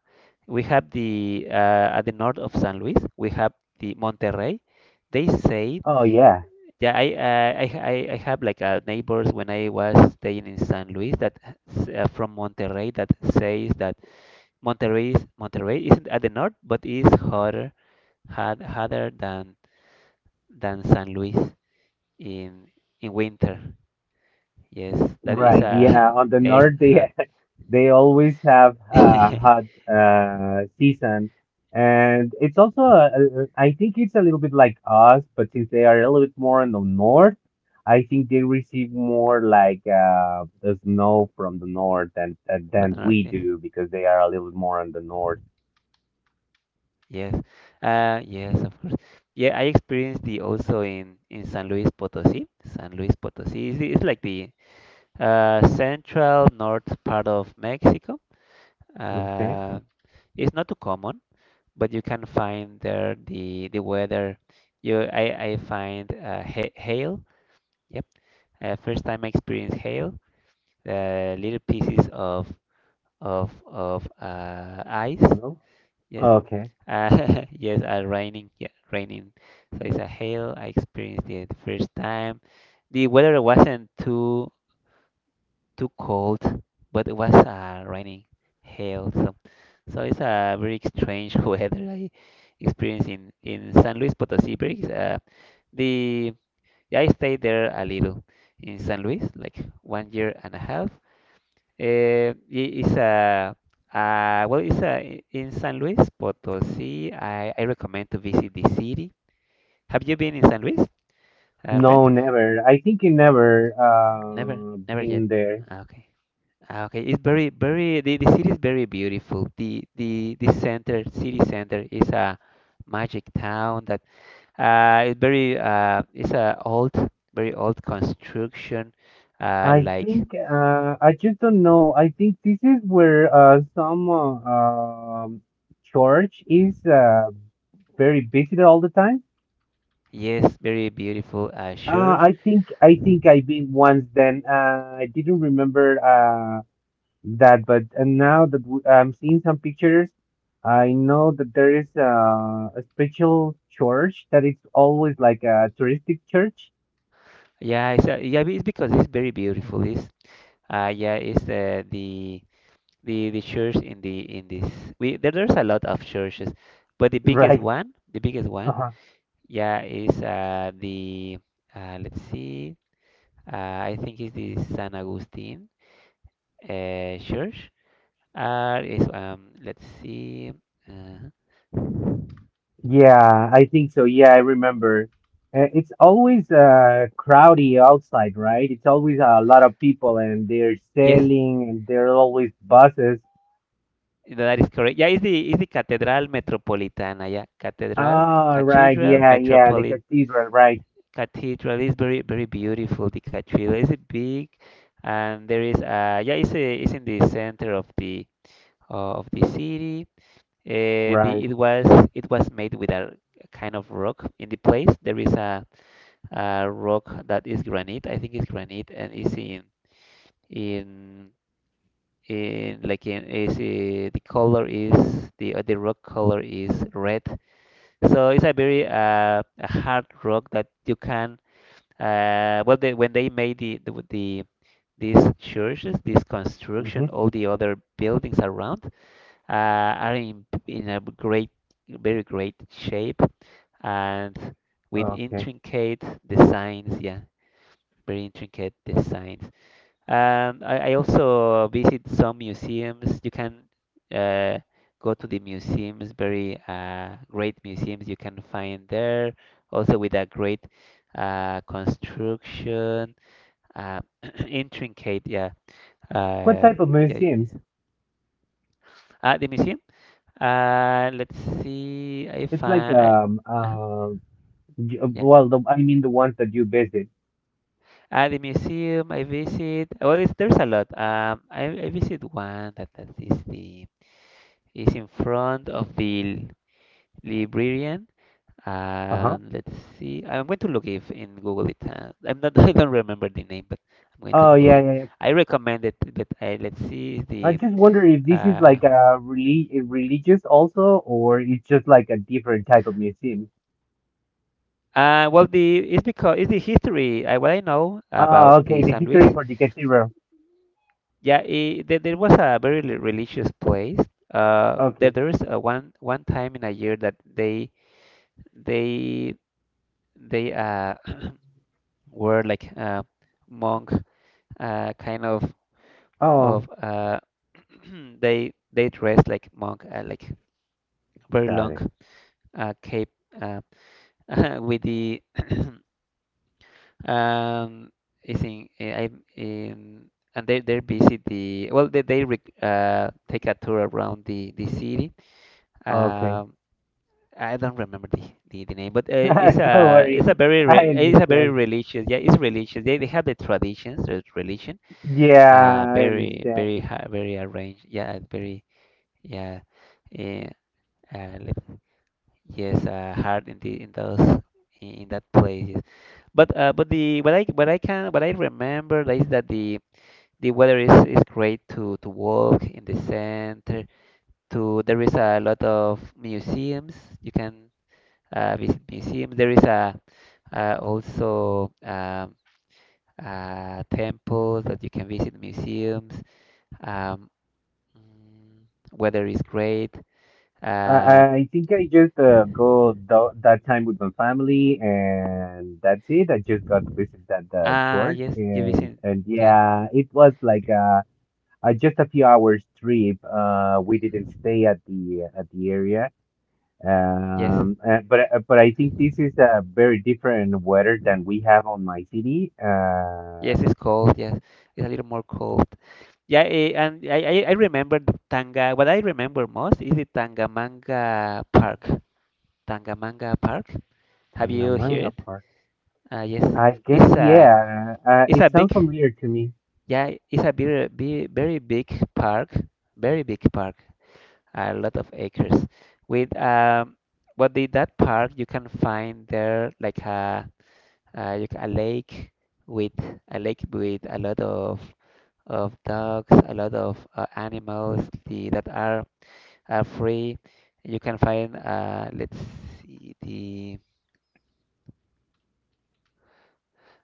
we have the at the north of San Luis we have the Monterrey, they say.
Oh yeah,
Yeah, I have like neighbors when I was staying in San Luis that from Monterrey, that says that Monterrey isn't at the north, but is hotter, hot, hotter than San Luis in in winter. Yes, that is
right. Yeah,
a
on the
yeah, it's
north,
hot
yeah. They always have a
from
hot season, and it's also I think it's a little bit like us, but since they are a little bit more in the north, I think they receive more like the snow from the north than than
the
than
north.
we
Yes,
do because they are a little bit more in the north.
yes, yes, of course. Yeah, I experienced the also in San Luis Potosí. San Luis Potosí is it's like the central north part of Mexico.
Okay.
Uh, it's not too common, but you can find there the weather. You I find ha hail. Yep, first time I experienced hail, little pieces of ice.
No.
Yes,
Okay.
yes, raining. Yeah, raining. So it's a hail. I experienced it the first time. The weather wasn't too too cold, but it was raining hail. So so it's a very strange weather I experienced in San Luis Potosí. Very, the yeah, I stayed there a little in San Luis, like 1 year and a half. Eh, it's a, well, it's a in San Luis Potosí. I recommend to visit the city. Have you been in San Luis, friend?
No, never. I think you never
Never, never yet.
been there.
Ah, okay, ah, okay. It's very, very. The city is very beautiful. The the center, city center, is a magic town that it's very it's a old, very old construction.
I
Like
think I just don't know. I think this is where some church is very busy all the time.
yes, very beautiful
Uh,
church.
I think I think I've been once then. I didn't remember that, but now that I'm seeing some pictures, I know that there is a special church that it's always like a touristic church,
Yeah, it's because it's very beautiful. It's yeah, it's the church in the in this we there, there's a lot of churches, but the biggest
right?
one, yeah, is the let's see, I think it's the San Agustin church. Is let's see, uh,
Yeah, I think so. Yeah, I remember. It's always crowdy outside, right? It's always a lot of people and they're
yes,
selling and there are always buses.
that is correct. Yeah, it's the Catedral Metropolitana. Yeah, Catedral,
Ah, right.
cathedral
Yeah, yeah. The cathedral, right.
cathedral is very very beautiful. The cathedral is it big, and there is yeah, it's a, it's in the center of the city.
Right.
The it was made with a kind of rock in the place. There is a rock that is granite. I think it's granite and it's in in like in is the color is the rock color is red. So it's a very a hard rock that you can well, they, when they made the with the these churches, this construction,
Hmm.
all the other buildings around are in a great, very great shape and with
Okay.
intricate designs. Yeah, very intricate designs. I also visit some museums. You can uh, go to the museums, very great museums you can find there. Also with a great construction, uh, intricate, yeah,
What
uh,
type of
yeah,
museums?
at the museum. Let's see if
It's like
I, I yeah,
well, I mean the ones that you visit.
at the museum I visit. Well, it's, there's a lot. I visit one that, that is the is in front of the librarian.
Uh-huh.
Let's see. I'm going to look if in Google it. I'm not. I don't remember the name, but I'm going to
Oh,
Google
yeah,
it.
yeah, yeah.
I recommend it, but I, let's see
I
the
just wonder if this is
uh,
like a religious also, or it's just like a different type of museum.
uh, well, the it's because it's the history. What I know about
Oh,
the
okay, the
San Luis,
history for the cathedral.
yeah, it, there was a very religious place.
Okay.
There is one one time in a year that they they were like monk kind of
Oh,
of uh they dressed like monk, like very
got
long
it.
cape uh with the Um, I think eh, I and they visit the well they rec take a tour around the city.
Okay.
Um, I don't remember the the name, but
Don't worry.
it's a very re
I
it's a very
understand.
religious, yeah, it's religious, they have the traditions, there's religion
Yeah, I
very
understand.
very ha very arranged, yeah, very yeah, uh, let, yes, hard in the in those in that place. Yes. But the what I can what I remember is that the weather is great to walk in the center. To there is a lot of museums. You can visit museums. There is a also temples that you can visit museums. Um, mm, weather is great.
I,
Uh,
I think I just go that time with my family, and that's it. I just got to visit that
ah
church,
yes, you visit.
and
Yeah.
yeah, it was like just a few hours trip. We didn't stay at the area.
Yes.
But I think this is a very different weather than we have on my city.
Yes, it's cold. Yes, it's a little more cold. Yeah, eh, and I remember the Tanga. What I remember most is the Tangamanga Park. Tangamanga Park. Have you heard
Tangamanga
it?
Park.
Yes,
I guess
it's a
yeah.
it's
It
a big,
sounds familiar to me.
yeah, it's a very big, very big park, very big park. A lot of acres. With what did that park? You can find there like a a lake with a lake with a lot of dogs, a lot of animals that are free. You can find let's see the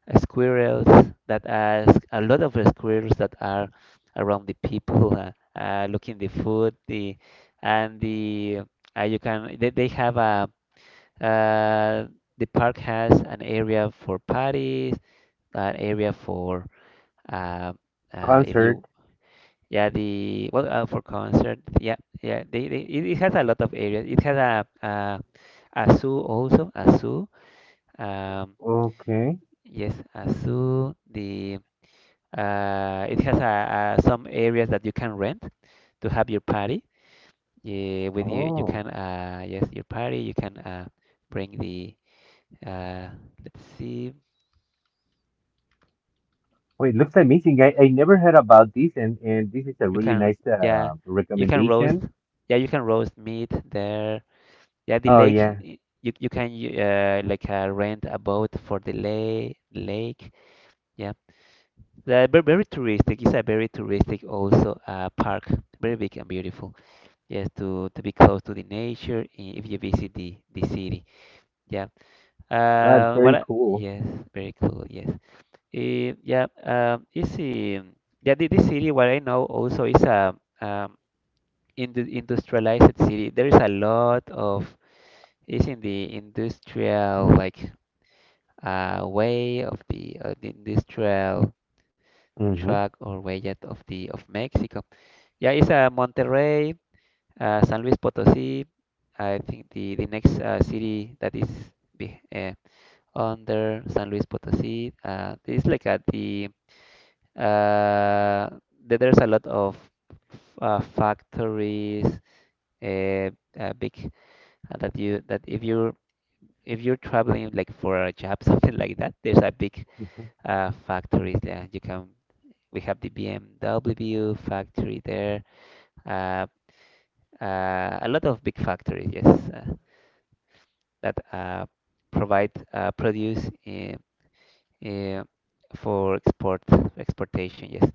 squirrels that are a lot of squirrels that are around the people looking the food the and the you can they have a uh, the park has an area for parties, an area for uh, if
Concert.
you yeah, the well, for concert, yeah, yeah, they it, it has a lot of areas. It has a zoo also, a zoo. Um,
Okay.
yes, a zoo. The it has a some areas that you can rent to have your party. Yeah, with you
Oh.
can yes your party. You can bring the uh let's see
Oh, it looks amazing. I never heard about this, and this is a
you
really
can,
nice
yeah, you can roast,
recommendation.
yeah, you can roast meat there. Yeah, the
Oh
lake
yeah,
you can like rent a boat for the lake. Yeah. Very, very touristic. It's a very touristic also park. Very big and beautiful. Yes, to be close to the nature if you visit the city. Yeah.
that's
What?
very cool.
Yes, very cool. Yes. Eh, yeah. Um, it's um, yeah. The city. What I know also is a um, in the industrialized city. There is a lot of is in the industrial like, way of the industrial
Mm-hmm.
track or way of the of Mexico. Yeah, it's Monterrey, San Luis Potosí. I think the next city that is be, uh, under San Luis Potosí. It's like at the uh, there's a lot of factories, uh, big that you that if you're traveling like for a job something like that, there's a big
Mm-hmm.
factories. Yeah, you can. We have the BMW factory there. Uh, a lot of big factories, yes, uh, that provide produce uh, for exportation. Yes,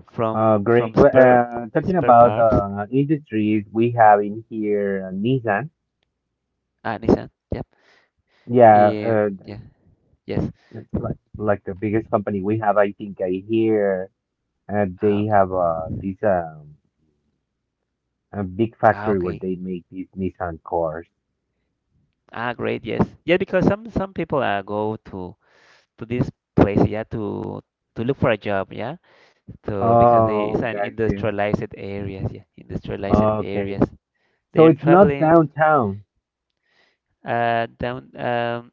from from
Great. Well, Talking
spare
about
parts.
industries we have in here, Nissan.
Ah, Nissan. Yep.
Yeah,
In, yeah. Yes.
it's like the biggest company we have, I think I hear
Ah,
they
okay.
have this a big
Ah,
factory where
okay.
they make these Nissan cars.
Ah, great. Yes. Yeah, because some people go to this place, yeah, to look for a job, yeah. So because they
Oh,
it's an
got you.
industrialized areas, yeah, industrialized
Okay,
areas.
so
They're
it's not
traveling
downtown
down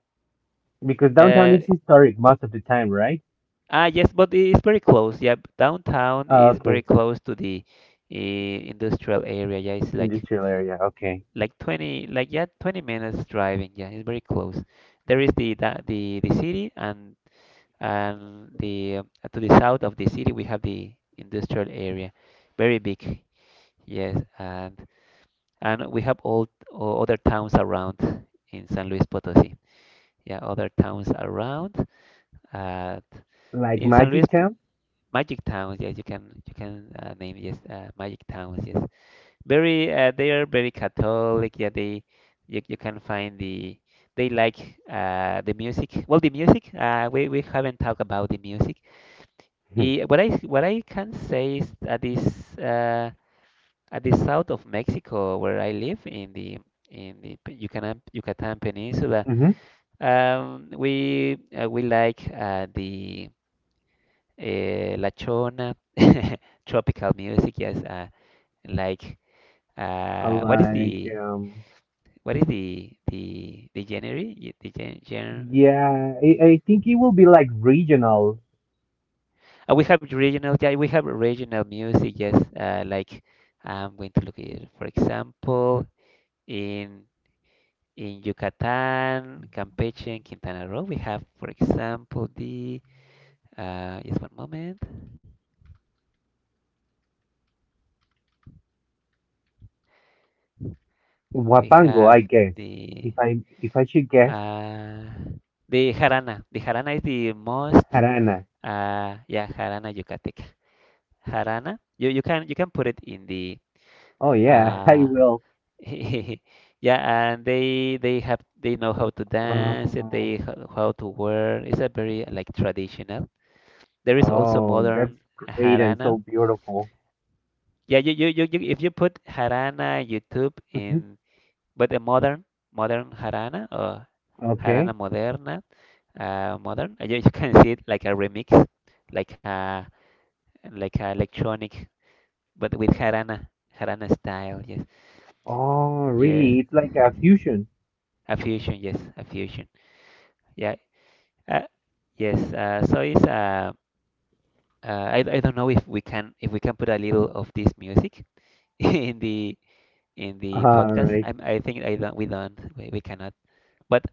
because downtown
uh
is historic most of the time, right?
ah yes, but it's very close. Yeah, downtown
Oh,
is very
okay,
close to the industrial area. Yeah, it's
industrial area. Okay,
like 20 like, yeah, 20 minutes driving. Yeah, it's very close. There is the city and the to the south of the city we have the industrial area, very big. Yes, and we have all other towns around in San Luis Potosí. Yeah, other towns around. Uh,
like
in San
Magic
Luis,
Town.
magic towns. Yes, you can name, yes, magic towns. Yes, very they are very Catholic. Yeah, they you can find the they like the music. Well, the music we haven't talked about the music. I, what I what I can say is that this. At the south of Mexico where I live in the Yucatan Peninsula.
Mm-hmm.
We we like the La Chona tropical music. Yes, like uh, what is
Like
the what is the genre? Genre?
yeah, I think it will be like regional.
We have regional. Yeah, we have regional music. Yes, like I'm going to look at it. For example, in in Yucatan, Campeche, and Quintana Roo, we have, for example, the just one moment. We
Wapango,
have
I guess.
the
If I should guess,
uh, the jarana. The jarana is the most
Harana.
yeah, jarana yucateca. Jarana. You can put it in the
Oh yeah, I
uh,
will.
yeah, and they have they know how to dance
Oh,
it. How to wear. It's a very like traditional. There is also
oh, that's
modern
great and
jarana.
so beautiful.
Yeah, you, if you put Jarana YouTube
Mhm.
in, but a modern, modern Jarana or Jarana
Okay.
Moderna, modern, you, you can see it like a remix, like a like a electronic, but with Jarana, Jarana style. Yes,
Oh,
yes,
really? It's like a fusion.
a fusion. Yes, a fusion. Yeah, uh, yes. So it's I don't know if we can put a little of this music in the in the
All
podcast.
right.
I think I don't we cannot. But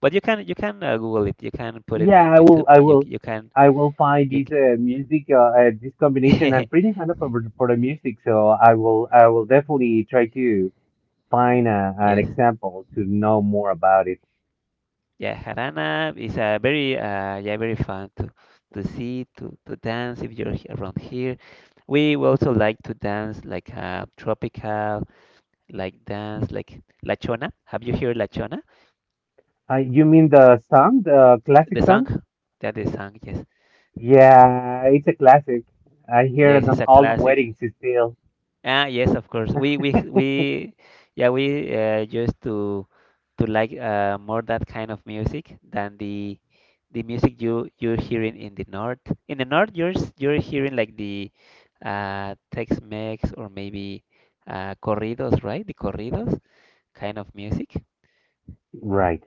But you can Google it. You can put it in
Yeah, I will.
YouTube.
I will.
You can
I will find
you
this
can,
music, this combination. I'm pretty fan of for the music, so I will. I will definitely try to find a, an
yes,
example to know more about it.
yeah, Harana is a very yeah, very fun to see to dance if around here. We will also like to dance like tropical like dance like La Chona. Have you heard La Chona?
You mean the song, the classic
The
song?
song, that the song, yes.
Yeah, it's a classic. I hear
Yes,
it
it's
on
a
all the
classic.
weddings still.
Ah, yes, of course. We yeah, we used to like more that kind of music than the music you you're hearing in the north. In the north, you're hearing like the Tex-Mex or maybe corridos, right? The corridos kind of music.
Right,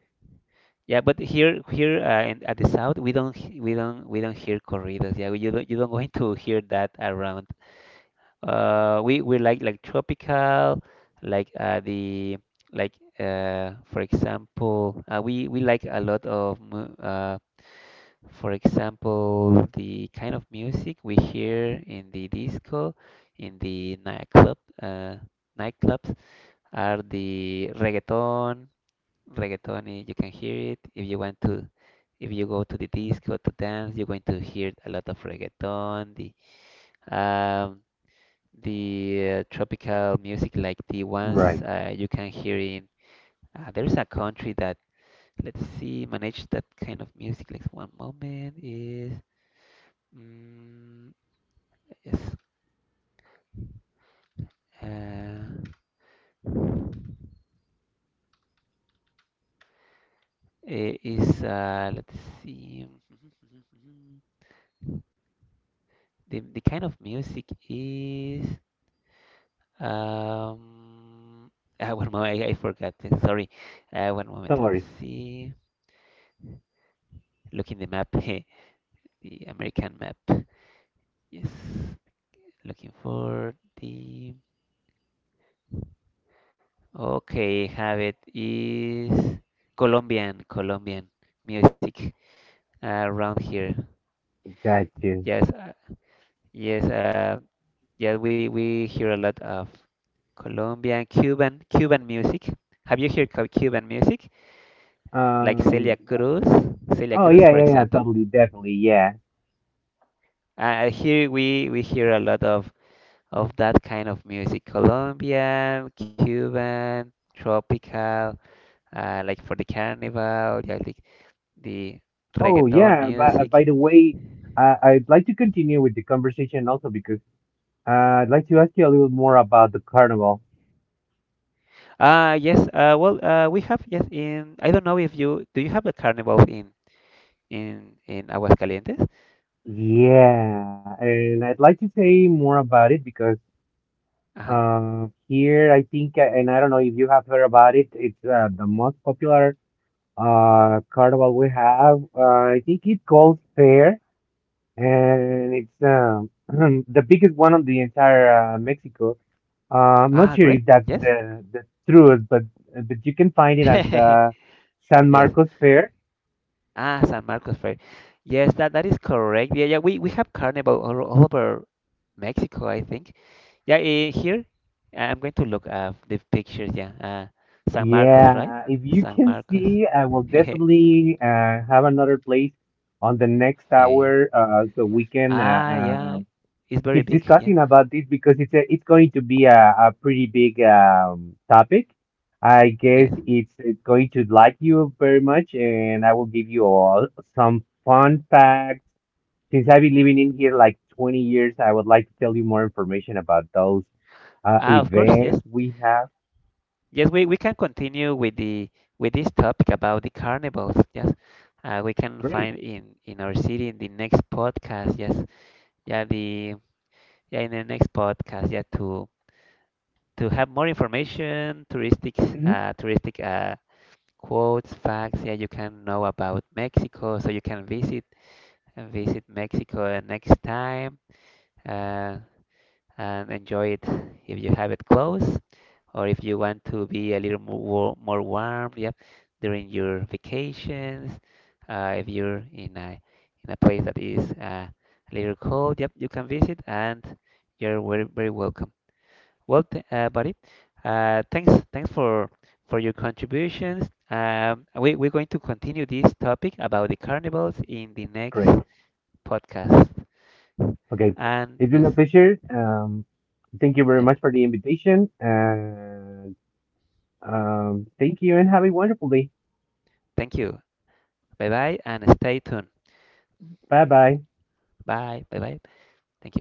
Yeah, but here here in, at the south, we don't, we don't hear corridos. Yeah, you don't going to hear that around. We like tropical, like the like for example, we like a lot of for example, the kind of music we hear in the disco, in the nightclub, uh, nightclubs are the reggaeton. Reggaeton, you can hear it if you want to. If you go to the disco to dance, you're going to hear a lot of reggaeton. Um, the tropical music like the ones
right.
you can hear in there is a country that let's see manage that kind of music like one moment is mm, yes uh, I- is let's see the kind of music is um ah, one moment, I forgot, sorry. One moment,
Don't
let's
worry.
see, look in the map the American map, yes, looking for the. Okay, have it. Is Colombian, Colombian music around here.
Got you.
Yes, yes, uh, yes. We hear a lot of Colombian, Cuban, Cuban music. Have you heard Cuban music? Like Celia
Um.
Cruz, Celia
Oh
Cruz,
yeah,
for
yeah, yeah.
example.
Totally, definitely, yeah.
Here we hear a lot of that kind of music. Colombian, Cuban, tropical. Like for the carnival, yeah, like the
Oh
reggaeton
yeah. By
music.
the way, I'd like to continue with the conversation also because uh, I'd like to ask you a little more about the carnival.
Yes, well, we have, yes, in, I don't know if you, do you have a carnival in, in Aguascalientes?
Yeah, and I'd like to say more about it because
Uh-huh.
here I think, and I don't know if you have heard about it. It's the most popular carnival we have. I think it called Fair, and it's the biggest one of the entire Mexico. I'm not
Ah,
sure
great,
if that's
yes.
the truth, but you can find it as the San
Yes.
Marcos Fair.
Ah, San Marcos Fair. That is correct. Yeah, yeah, we have carnival all over Mexico, I think. Yeah, here, I'm going to look up the pictures, yeah. San Marcos, right?
Yeah, if you
San
can
Marcos.
see, I will definitely have another place on the next
Fair.
hour, so we can
Ah, yeah, it's very
keep
big. Yeah,
discussing about this because it's a, it's going to be a pretty big topic. I guess
yes.
it's going to like you very much, and I will give you all some fun facts. Since I've been living in here like 20 years, I would like to tell you more information about those
Ah, of course,
events
yes.
we have.
Yes, we can continue with the with this topic about the carnivals. Yes, we can
Great.
find in our city in the next podcast. Yes, yeah, the, yeah, in the next podcast. Yeah, to have more information, touristic
Mhm.
touristic quotes, facts. Yeah, you can know about Mexico, so you can visit and visit Mexico next time. Uh, and enjoy it if you have it close or if you want to be a little more, more warm, yep, during your vacations. If you're in a place that is a little cold, yep, you can visit and you're very, very welcome. Well, th buddy, thanks for your contributions. We're going to continue this topic about the carnivals in the next
Great.
podcast.
Okay.
And
It's been a
yes,
pleasure. Thank you very
yep,
much for the invitation. And thank you and have a wonderful day.
thank you. Bye bye and stay tuned.
Bye bye.
Bye. Bye bye. Thank you.